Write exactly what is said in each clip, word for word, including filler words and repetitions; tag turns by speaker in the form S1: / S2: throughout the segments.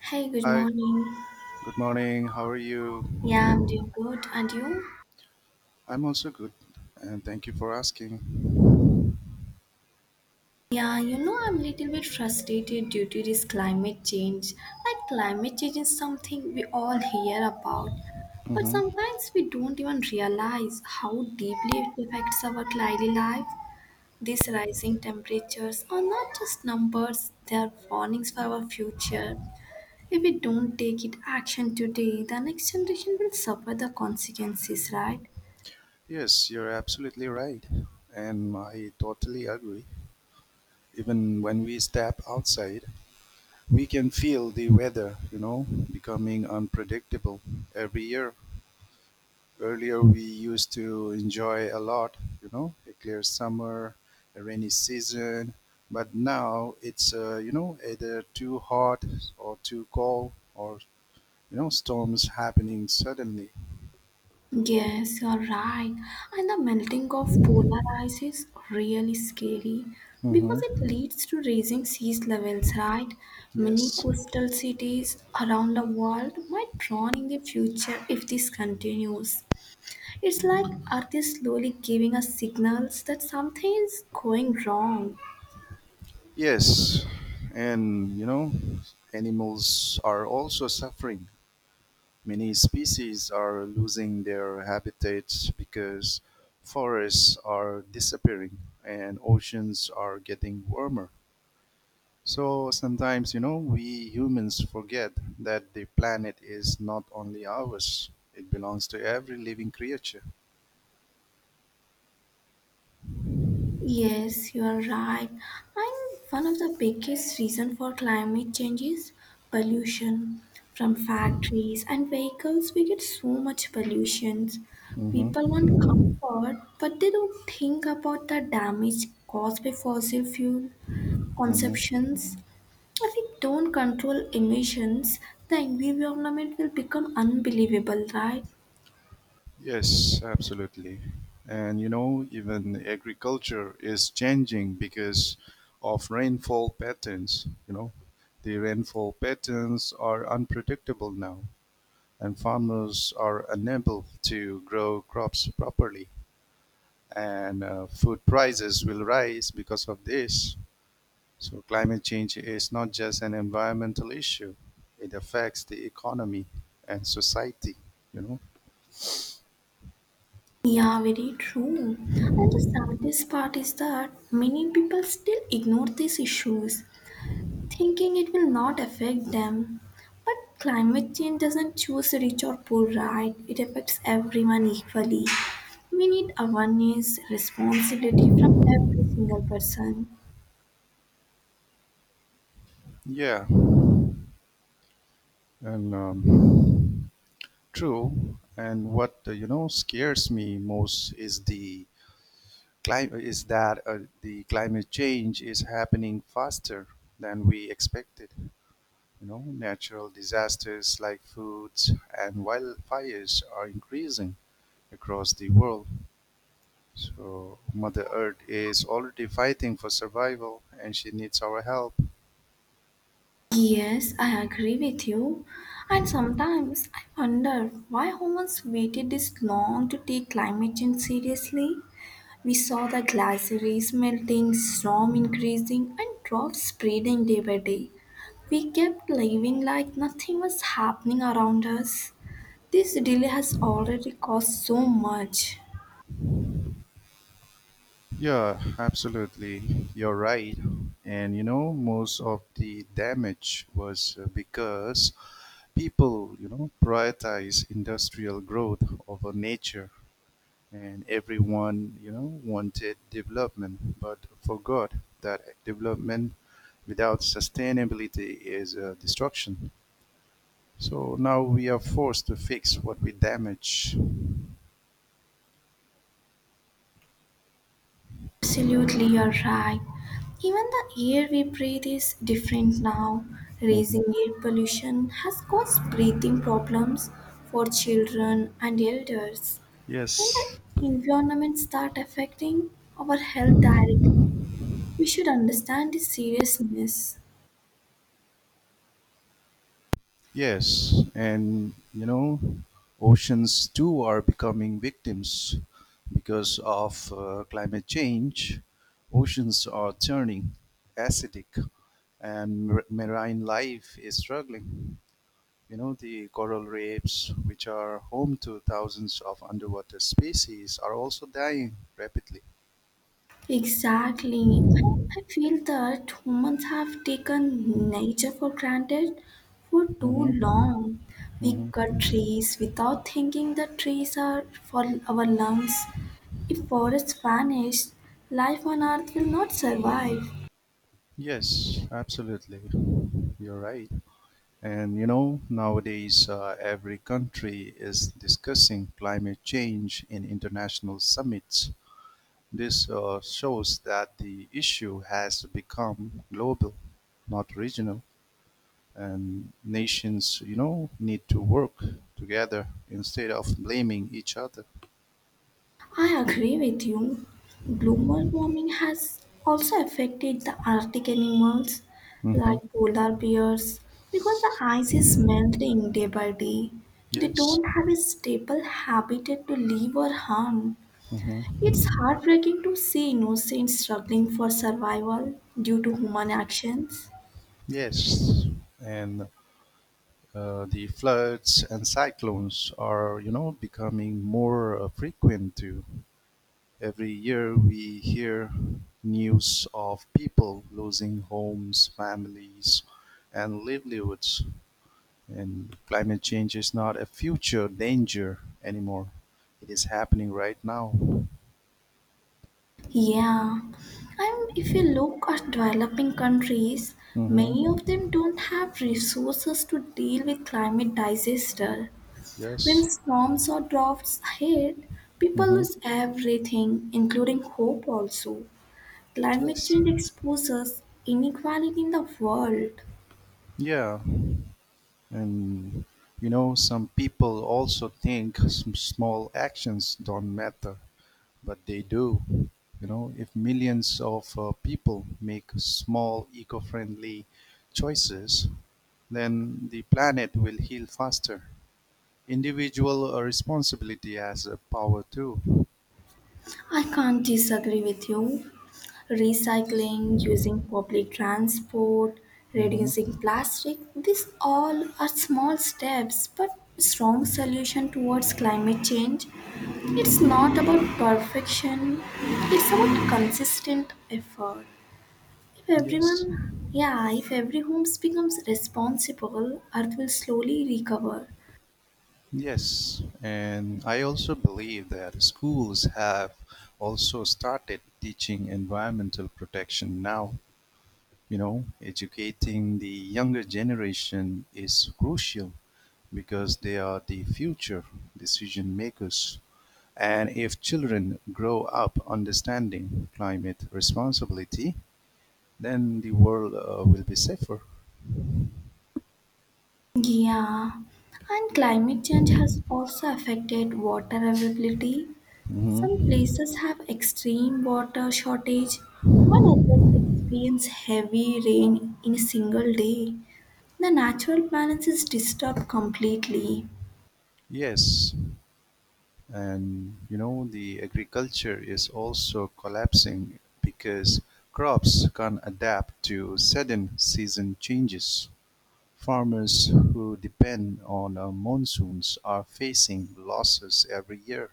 S1: Hey, good
S2: Hi,
S1: morning.
S2: good morning. How are you?
S1: Yeah, I'm doing good. And you?
S2: I'm also good, and thank you for asking.
S1: Yeah, you know, I'm a little bit frustrated due to this climate change. Like, climate change is something we all hear about, but
S2: hmm
S1: sometimes we don't even realize how deeply it affects our daily life. These rising temperatures are not just numbers, they are warnings for our future. If we don't take it action today, the next generation will suffer the consequences, right?
S2: Yes, you're absolutely right, and I totally agree. Even when we step outside, we can feel the weather, you know, becoming unpredictable every year. Earlier, we used to enjoy a lot, you know, a clear summer, a rainy season, but now it's, uh, you know, either too hot or too cold or you know storms happening suddenly.
S1: Yes, you're right. And the melting of polar ice is really scary because it
S2: Mm-hmm.
S1: leads to raising sea levels, right? Many
S2: Yes,
S1: coastal cities around the world might drown in the future if this continues. It's like Earth is slowly giving us signals that something is going wrong.
S2: yes, and you know animals are also suffering. Many species are losing their habitats because forests are disappearing and oceans are getting warmer. So sometimes you know we humans forget that the planet is not only ours. It belongs to every living creature.
S1: Yes, you are right. And one of the biggest reason for climate change is pollution from factories and vehicles. We get so much pollution. People
S2: Mm-hmm.
S1: want comfort, but they don't think about the damage caused by fossil fuel
S2: Mm-hmm.
S1: consumptions. If we don't control emissions, the environment will become unbelievable, right?
S2: Yes, absolutely. And you know, even agriculture is changing because of rainfall patterns. You know, the rainfall patterns are unpredictable now, and farmers are unable to grow crops properly. And uh, food prices will rise because of this. So, climate change is not just an environmental issue, it affects the economy and society, you know.
S1: Yeah, very true. And the saddest part is that many people still ignore these issues, thinking it will not affect them. But climate change doesn't choose rich or poor, right? It affects everyone equally. We need awareness, responsibility from every single person.
S2: Yeah, and um, true, and what uh, you know scares me most is the climate is that uh, the climate change is happening faster than we expected. You know, natural disasters like floods and wildfires are increasing across the world. So Mother Earth is already fighting for survival, and she needs our help.
S1: Yes, I agree with you. And sometimes I wonder why humans waited this long to take climate change seriously. We saw the glaciers melting, storm increasing, and droughts spreading day by day. We kept living like nothing was happening around us. This delay has already caused so much.
S2: Yeah, absolutely. You're right. And you know, most of the damage was uh, because people, you know, prioritize industrial growth over nature, and everyone, you know, wanted development, but forgot that development without sustainability is uh, destruction. So now we are forced to fix what we damage.
S1: Absolutely, you're right. Even the air we breathe is different now. Raising
S2: Mhm.
S1: air pollution has caused breathing problems for children and elders. And
S2: Yes.
S1: the environments start affecting our health directly. We should understand its seriousness.
S2: Yes, and you know, oceans too are becoming victims because of uh, climate change. Oceans are turning acidic, and mar- marine life is struggling. You know, the coral reefs, which are home to thousands of underwater species, are also dying rapidly.
S1: Exactly. I I feel that humans have taken nature for granted for too
S2: Hmm.
S1: long. We
S2: Hmm.
S1: cut trees without thinking that trees are for our lungs. If forests vanish, life on earth will not survive.
S2: Yes, absolutely. You're right. And you know, nowadays uh, every country is discussing climate change in international summits. This uh, shows that the issue has become global, not regional. And nations, you know, need to work together instead of blaming each other.
S1: I agree with you. Global warming has also affected the Arctic animals
S2: Hmm.
S1: like polar bears because the ice is melting day by day. They
S2: Yes.
S1: don't have a stable habitat to live or hunt. It's
S2: Hmm.
S1: heartbreaking to see innocents struggling for survival due to human actions.
S2: Yes, and uh, the floods and cyclones are, you know, becoming more uh, frequent too. Every year we hear news of people losing homes, families, and livelihoods. And climate change is not a future danger anymore. It is happening right now.
S1: Yeah, and if you look at developing countries, many
S2: Mm-hmm.
S1: of them don't have resources to deal with climate disaster. When
S2: Yes.
S1: storms or droughts hit, people
S2: Mm-hmm.
S1: lose everything, including hope also. Climate
S2: Yes.
S1: change exposes inequality in the world.
S2: Yeah. And you know, some people also think some small actions don't matter, but they do. You know, if millions of uh, people make small eco-friendly choices, then the planet will heal faster. Individual uh, responsibility has a power too.
S1: I can't disagree with you. Recycling, using public transport,
S2: Hmm.
S1: reducing plastic, these all are small steps but strong solution towards climate change. It's
S2: Hmm.
S1: not about perfection, it's about consistent effort. If
S2: Yes,
S1: everyone yeah, if every home becomes responsible, Earth will slowly recover.
S2: yes, and I also believe that schools have also started teaching environmental protection now. You know, educating the younger generation is crucial, because they are the future decision-makers, and if children grow up understanding climate responsibility, then the world uh, will be safer.
S1: Yeah, and climate change has also affected water availability. Some
S2: Mhm.
S1: places have extreme water shortage, while others experience heavy rain in a single day. The natural balance is disturbed completely.
S2: Yes, and you know, the agriculture is also collapsing because crops can't adapt to sudden season changes. Farmers who depend on uh, monsoons are facing losses every year.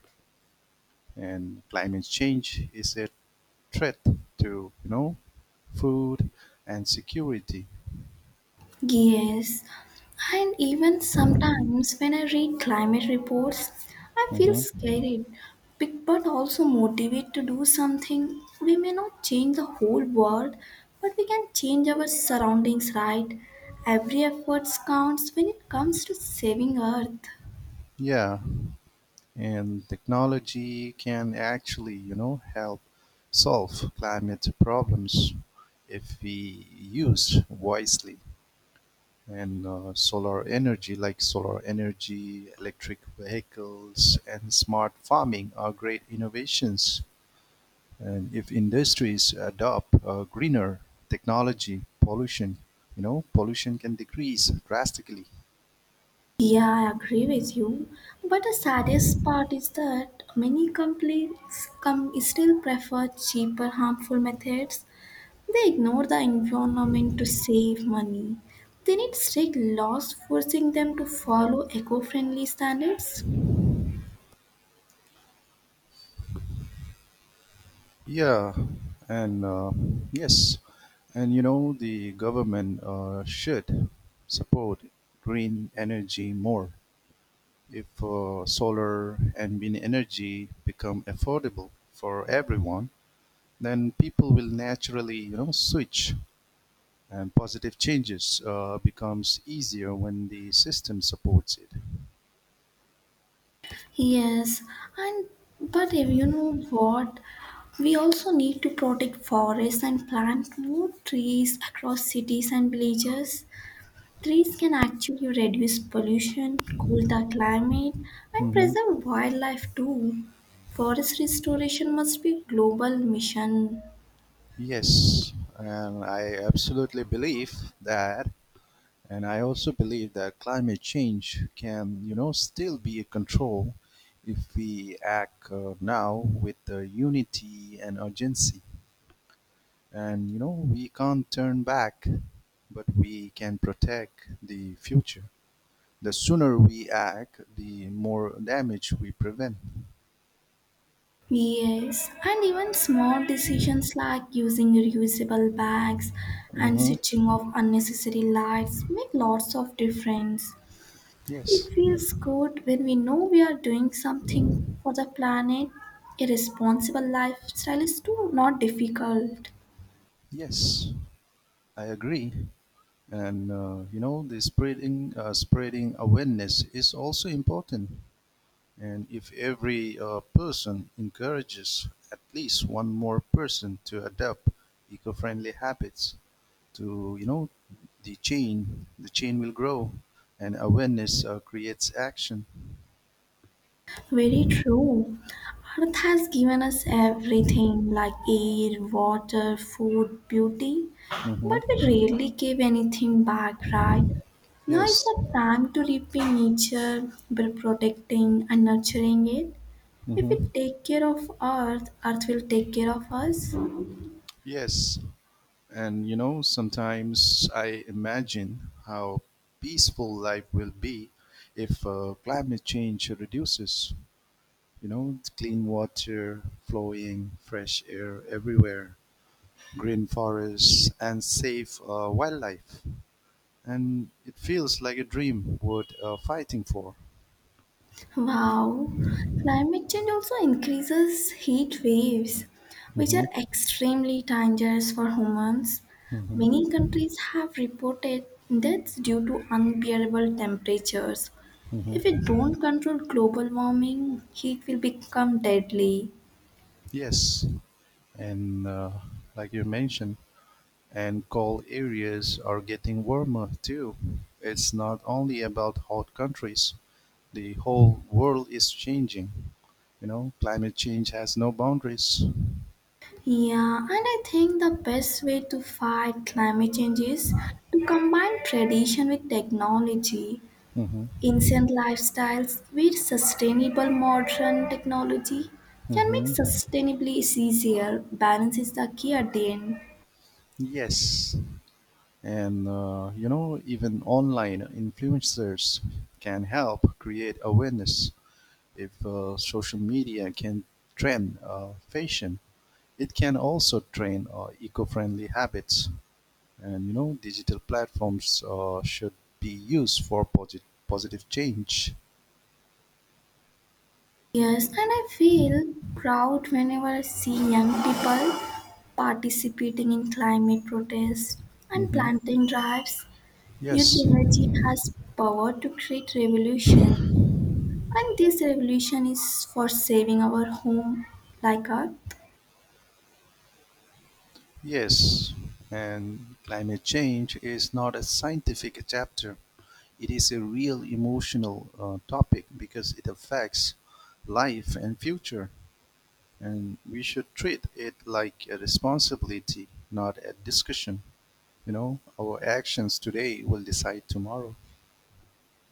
S2: And climate change is a threat to you know food and security.
S1: Yes, and even sometimes when I read climate reports, I feel
S2: Hmm.
S1: scared, big but also motivated to do something. We may not change the whole world, but we can change our surroundings, right? Every effort counts when it comes to saving Earth.
S2: Yeah, and technology can actually you know help solve climate problems if we use wisely. And uh, solar energy, like solar energy, electric vehicles, and smart farming, are great innovations. And if industries adopt uh, greener technology, pollution, you know, pollution can decrease drastically.
S1: Yeah, I agree with you. But the saddest part is that many companies com- still prefer cheaper, harmful methods. They ignore the environment to save money. They need strict laws forcing them to follow eco-friendly standards.
S2: Yeah, and uh, yes, and you know, the government uh, should support green energy more. If uh, solar and wind energy become affordable for everyone, then people will naturally, you know, switch, and positive changes uh, becomes easier when the system supports it.
S1: Yes, and but if you know what, we also need to protect forests and plant more trees across cities and villages. Trees can actually reduce pollution, cool the climate, and
S2: Mm-hmm.
S1: preserve wildlife too. Forest restoration must be global mission.
S2: Yes, and I absolutely believe that, and I also believe that climate change can, you know, still be a control if we act uh, now with uh, unity and urgency. And, you know, we can't turn back, but we can protect the future. The sooner we act, the more damage we prevent.
S1: Yes, and even small decisions like using reusable bags and
S2: Mm-hmm.
S1: switching off unnecessary lights make lots of difference. It
S2: Yes,
S1: feels good when we know we are doing something for the planet. A responsible lifestyle is too not difficult.
S2: yes, I agree. And uh, you know the spreading uh, spreading awareness is also important, and if every uh, person encourages at least one more person to adopt eco-friendly habits to you know the chain the chain will grow and awareness uh, creates action.
S1: Very true. Earth has given us everything like air, water, food, beauty, but
S2: Hmm.
S1: we rarely give anything back, right? Now is
S2: Yes.
S1: the time to repay nature by protecting and nurturing it. If we
S2: Hmm.
S1: take care of Earth, Earth will take care of us.
S2: Yes. And you know, sometimes I imagine how peaceful life will be if uh, climate change reduces. You know, clean water flowing, fresh air everywhere, green forests, and safe uh, wildlife. And it feels like a dream worth uh, fighting for.
S1: Wow, climate change also increases heat waves, which
S2: Hmm.
S1: are extremely dangerous for humans.
S2: Hmm.
S1: Many countries have reported deaths due to unbearable temperatures. If
S2: Hmm.
S1: we don't control global warming, heat will become deadly.
S2: Yes, and uh, like you mentioned, and cold areas are getting warmer too. It's not only about hot countries. The whole world is changing. You know, climate change has no boundaries.
S1: Yeah, and I think the best way to fight climate change is to combine tradition with technology.
S2: Hmm.
S1: Ancient lifestyles with sustainable modern technology can make
S2: Hmm.
S1: sustainably easier. Balance is the key at the end.
S2: Yes, and uh, you know, even online influencers can help create awareness. If uh, social media can trend uh, fashion, it can also train uh, eco-friendly habits. And you know digital platforms uh, should be used for posit- positive change.
S1: Yes, and I feel proud whenever I see young people participating in climate protests and
S2: Hmm.
S1: planting drives. Youth
S2: Yes.
S1: energy has power to create revolution, and this revolution is for saving our home, like our
S2: Yes, and climate change is not a scientific chapter. It is a real emotional uh, topic, because it affects life and future, and we should treat it like a responsibility, not a discussion. You know, our actions today will decide tomorrow.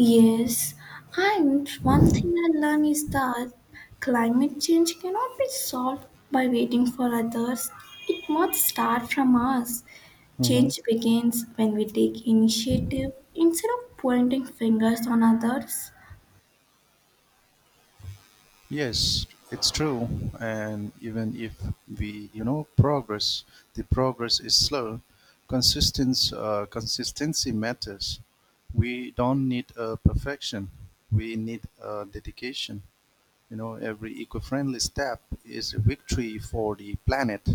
S1: Yes, and one thing I learned is that climate change cannot be solved by waiting for others. It must start from us.
S2: Hmm.
S1: Change begins when we take initiative instead of pointing fingers on others.
S2: Yes, it's true. And even if we, you know, progress, the progress is slow. Consistence, uh, consistency matters. We don't need a perfection. We need a dedication. You know, every eco-friendly step is a victory for the planet.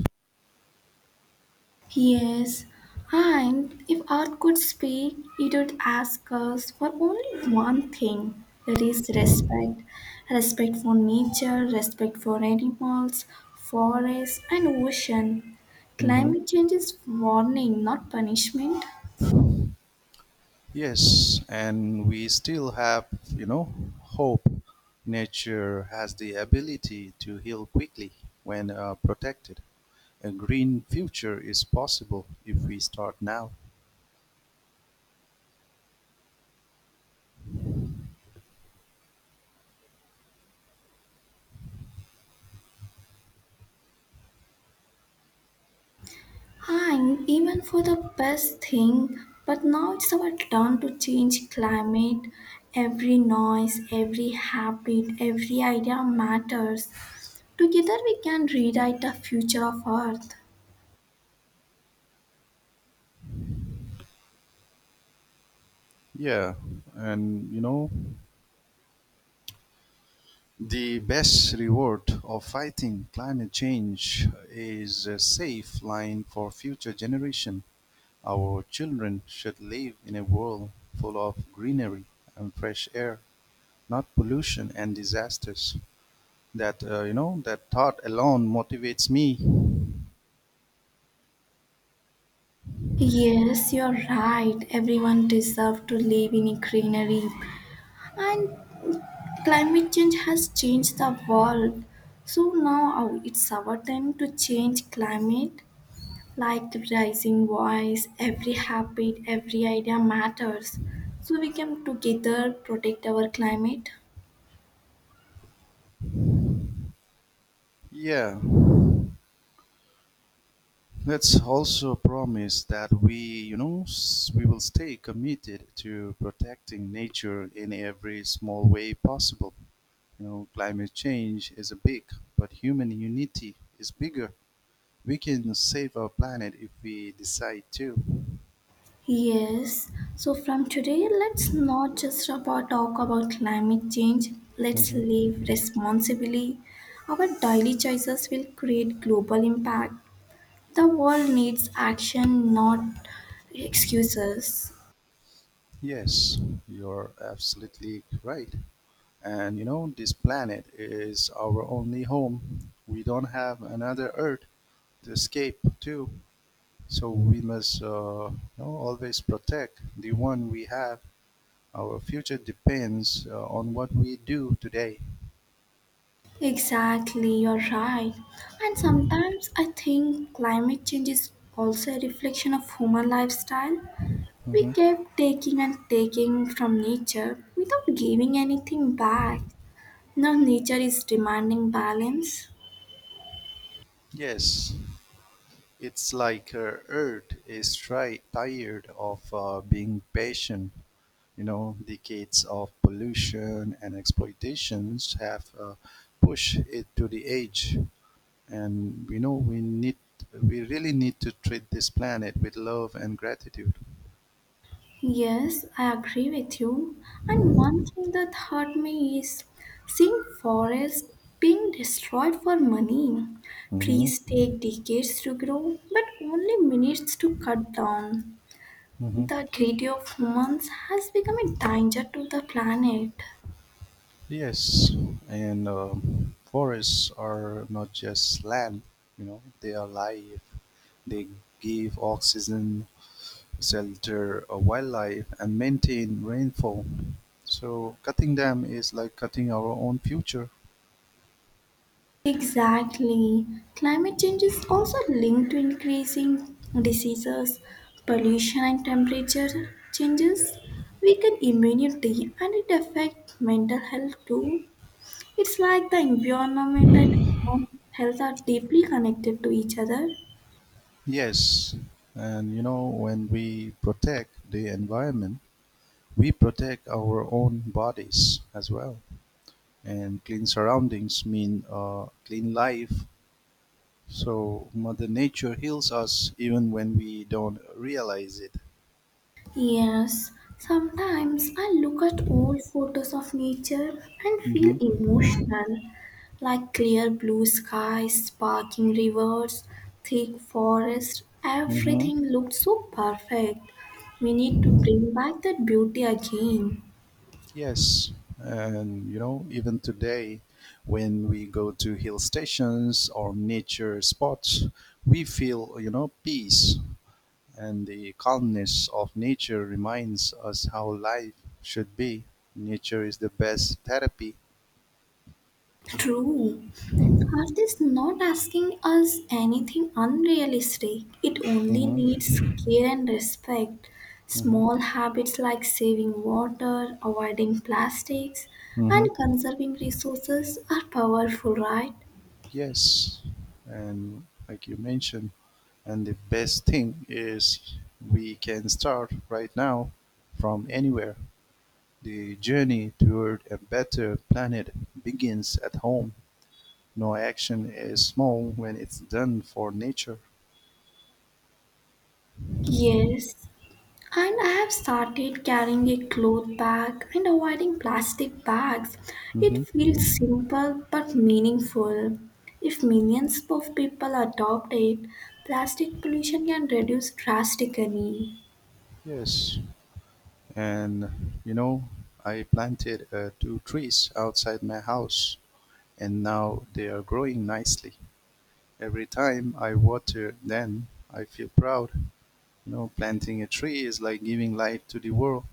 S1: Yes, and if art could speak, it would ask us for only one thing that is respect. Respect for nature, respect for animals, forests, and ocean.
S2: Hmm.
S1: Climate change is warning, not punishment.
S2: Yes, and we still have, you know, hope. Nature has the ability to heal quickly when uh, protected. A green future is possible if we start now.
S1: Hang even for the best thing, but now it's our turn to change climate. Every noise, every habit, every idea matters. Together we can rewrite the future of Earth.
S2: Yeah, and you know, the best reward of fighting climate change is a safe line for future generation. Our children should live in a world full of greenery and fresh air, not pollution and disasters. That uh, you know, that thought alone motivates me.
S1: Yes, you're right. Everyone deserves to live in greenery. And climate change has changed the world. So now oh, it's our time to change climate like the rising voice, every habit, every idea matters. So we can together protect our climate.
S2: Yeah, let's also promise that we, you know, s- we will stay committed to protecting nature in every small way possible. You know, climate change is a big, but human unity is bigger. We can save our planet if we decide to.
S1: Yes. So from today, let's not just about talk about climate change. Let's
S2: Mhm.
S1: live responsibly. Our daily choices will create global impact. The world needs action, not excuses.
S2: Yes, you're absolutely right. And you know, this planet is our only home. We don't have another Earth to escape to. So we must uh, you know, always protect the one we have. Our future depends uh, on what we do today.
S1: Exactly, you're right. And sometimes I think climate change is also a reflection of human lifestyle. We
S2: Mhm.
S1: kept taking and taking from nature without giving anything back. Now nature is demanding balance.
S2: Yes, it's like uh, Earth is tri- tired of uh, being patient. You know, decades of pollution and exploitations have uh, pushed it to the edge, and we know we need, we really need to treat this planet with love and gratitude.
S1: Yes, I agree with you. And one thing that hurt me is seeing forests being destroyed for money.
S2: Hmm.
S1: Trees take decades to grow, but only minutes to cut down.
S2: Hmm.
S1: The treaty of humans has become a danger to the planet.
S2: Yes, and um, forests are not just land, you know, they are life. They give oxygen, shelter uh, wildlife, and maintain rainfall. So cutting them is like cutting our own future.
S1: Exactly. Climate change is also linked to increasing diseases, pollution, and temperature changes. Weaken immunity and it affects mental health too. It's like the environment and human health are deeply connected to each other.
S2: Yes, and you know, when we protect the environment, we protect our own bodies as well. And clean surroundings mean uh, clean life. So Mother Nature heals us even when we don't realize it.
S1: Yes, sometimes I look at old photos of nature and feel
S2: Mm-hmm.
S1: emotional, like clear blue skies, sparkling rivers, thick forest.
S2: Mm-hmm.
S1: Everything looked so perfect. We need to bring back that beauty again.
S2: Yes, and you know, even today, when we go to hill stations or nature spots, we feel you know peace, and the calmness of nature reminds us how life should be. Nature is the best therapy.
S1: True. Are is not asking us anything unrealistic. It only
S2: Mm-hmm.
S1: needs care and respect.
S2: Mm-hmm.
S1: Small habits like saving water, avoiding plastics, and
S2: Mm-hmm.
S1: conserving resources are powerful, right?
S2: Yes, and like you mentioned, and the best thing is we can start right now from anywhere. The journey toward a better planet begins at home. No action is small when it's done for nature.
S1: Yes, and I have started carrying a cloth bag and avoiding plastic bags.
S2: Hmm.
S1: It feels simple but meaningful. If millions of people adopt it, plastic pollution can reduce drastically.
S2: Yes, and you know, I planted uh, two trees outside my house, and now they are growing nicely. Every time I water them, I feel proud. You know, planting a tree is like giving life to the world.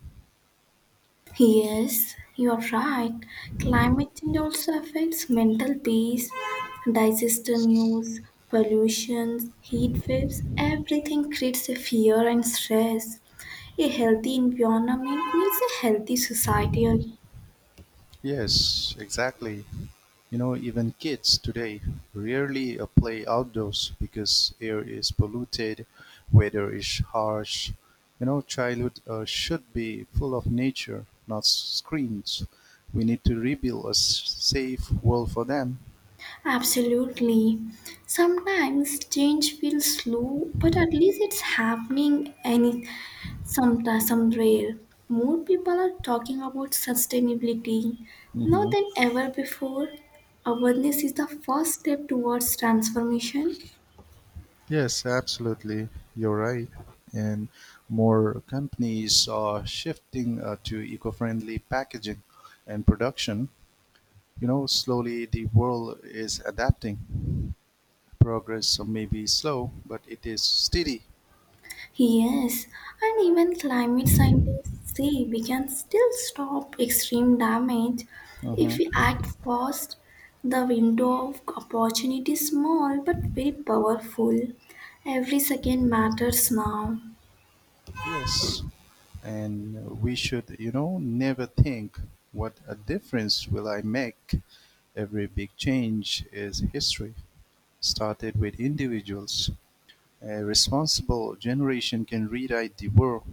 S1: Yes, you are right. Climate change also affects mental peace, digestion news, pollution, heat waves, everything creates a fear and stress. A healthy environment means a healthy society.
S2: Yes, exactly. You know, even kids today rarely uh, play outdoors because air is polluted, weather is harsh. You know, childhood uh, should be full of nature, not screens. We need to rebuild a s- safe world for them.
S1: Absolutely. Sometimes change feels slow, but at least it's happening. Any Sometimes, somewhere, more people are talking about sustainability now
S2: Mhm.
S1: than ever before. Awareness is the first step towards transformation.
S2: Yes, absolutely. You're right. And more companies are shifting uh, to eco friendly packaging and production. You know, slowly the world is adapting. Progress may be slow, but it is steady.
S1: Yes, and even climate scientists say we can still stop extreme damage if
S2: Uh-huh.
S1: we act fast. The window of opportunity is small but very powerful. Every second matters now.
S2: Yes. And we should, you know, never think what a difference will I make. Every big change is history, started with individuals. A responsible generation can rewrite the world.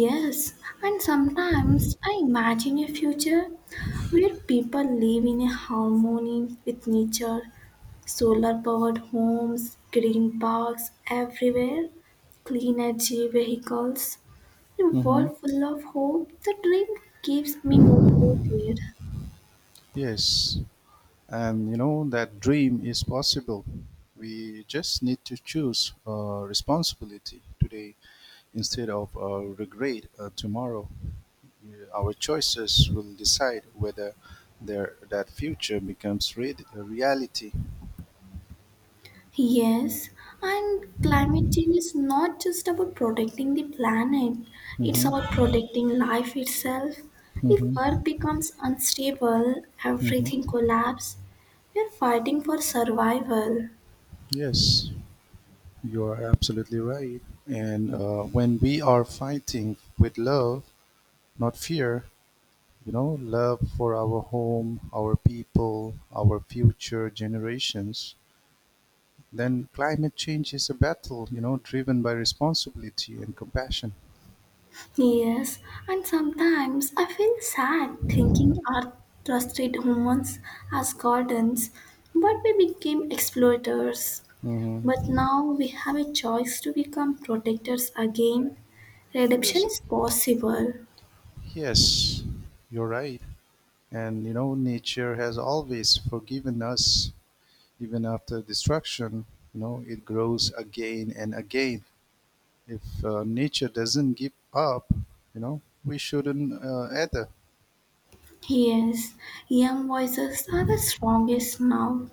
S1: Yes, and sometimes I imagine a future where people live in a harmony with nature, solar powered homes, green parks everywhere, clean energy vehicles, a
S2: Mm-hmm.
S1: world full of hope. The dream keeps me motivated.
S2: Yes, and you know that dream is possible. We just need to choose uh, responsibility today instead of uh, regret uh, tomorrow. Yeah, our choices will decide whether there, that future becomes re- a reality.
S1: Yes, and climate change is not just about protecting the planet, it's about
S2: Mm-hmm.
S1: protecting life itself. If Earth
S2: Mm-hmm.
S1: becomes unstable,
S2: Mm-hmm.
S1: everything collapses. We're fighting for survival.
S2: Yes, you are absolutely right. And uh, when we are fighting with love, not fear, you know, love for our home, our people, our future generations. Then climate change is a battle, you know, driven by responsibility and compassion.
S1: Yes, and sometimes I feel sad thinking Earth trusted humans as gardens, but we became exploiters. But
S2: Hmm.
S1: now we have a choice to become protectors again. Redemption
S2: Yes.
S1: is possible.
S2: Yes, you're right. And you know, nature has always forgiven us, even after destruction. You know, it grows again and again. If uh, nature doesn't give up, you know, we shouldn't uh, either.
S1: Yes, young voices are the strongest now.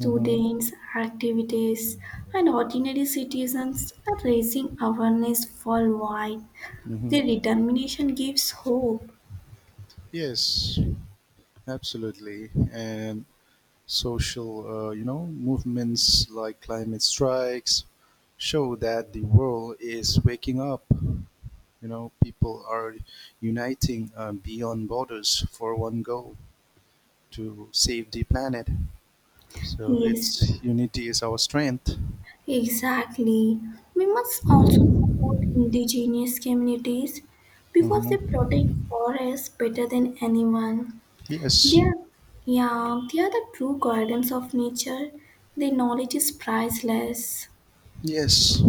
S2: Mm-hmm.
S1: activities, and ordinary citizens are raising awareness worldwide.
S2: Mm-hmm.
S1: Their determination gives hope.
S2: Yes, absolutely. And social, uh, you know, movements like climate strikes show that the world is waking up. You know, people are uniting uh, beyond borders for one goal to save the planet. So
S1: Yes,
S2: it's unity is our strength.
S1: exactly. We must also support indigenous communities because they
S2: Hmm.
S1: protect forests better than anyone. They
S2: Yes,
S1: are, yeah, they are the true guardians of nature. Their knowledge is priceless.
S2: yes.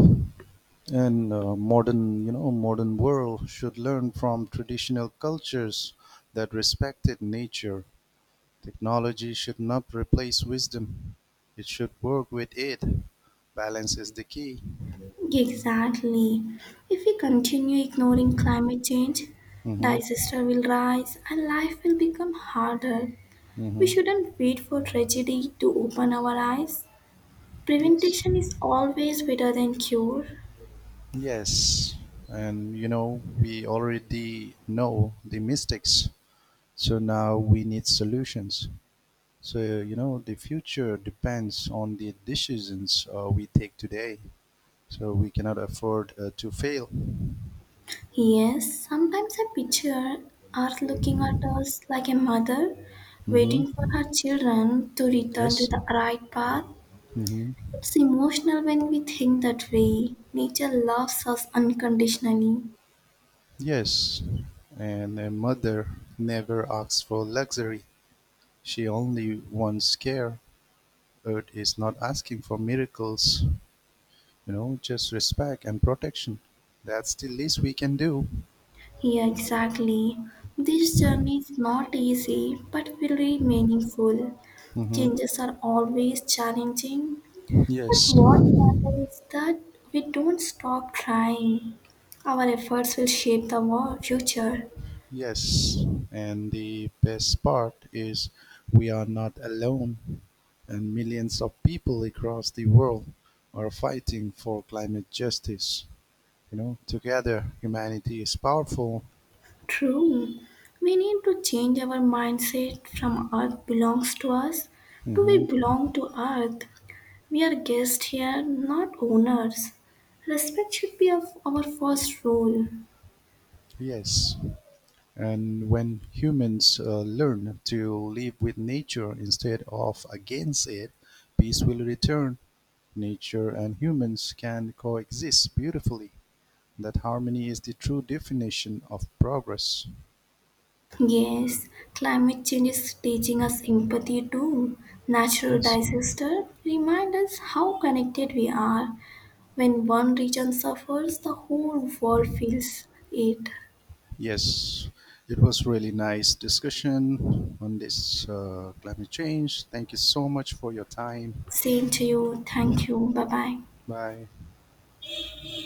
S2: And uh, modern, you know, modern world should learn from traditional cultures that respected nature. Technology should not replace wisdom. It should work with it. Balance is the key.
S1: Exactly. If we continue ignoring climate change,
S2: Mm-hmm.
S1: disaster will rise and life will become harder. We
S2: Mm-hmm.
S1: shouldn't wait for tragedy to open our eyes.
S2: Yes.
S1: Prevention is always better than cure.
S2: Yes. And you know, we already know the mistakes. So now we need solutions. So you know, the future depends on the decisions uh, we take today. So we cannot afford uh, to fail.
S1: Yes, sometimes I picture Earth looking at us like a mother waiting for
S2: Mm-hmm.
S1: her children to return to
S2: Yes.
S1: the right path.
S2: Mm-hmm.
S1: It's emotional when we think that way. Nature loves us unconditionally.
S2: Yes, and a mother never asks for luxury. She only wants care. Earth is not asking for miracles, you know, just respect and protection. That's the least we can do.
S1: Yeah, exactly. This journey is not easy but really meaningful.
S2: Hmm.
S1: Changes are always challenging, but
S2: Yes,
S1: what matters is that we don't stop trying. Our efforts will shape the world future.
S2: yes. And the best part is we are not alone, and millions of people across the world are fighting for climate justice. You know, together, humanity is powerful.
S1: True. We need to change our mindset from Earth belongs to us to
S2: Hmm.
S1: we belong to Earth. We are guests here, not owners. Respect should be of our first rule.
S2: Yes, and when humans uh, learn to live with nature instead of against it, peace will return. Nature and humans can coexist beautifully. That harmony is the true definition of progress.
S1: Yes, climate change is teaching us empathy too. Natural
S2: Yes.
S1: disasters remind us how connected we are. When one region suffers, the whole world feels it.
S2: Yes, it was really nice discussion on this uh, climate change. Thank you so much for your time.
S1: Same to you. Thank you. Bye bye.
S2: Bye.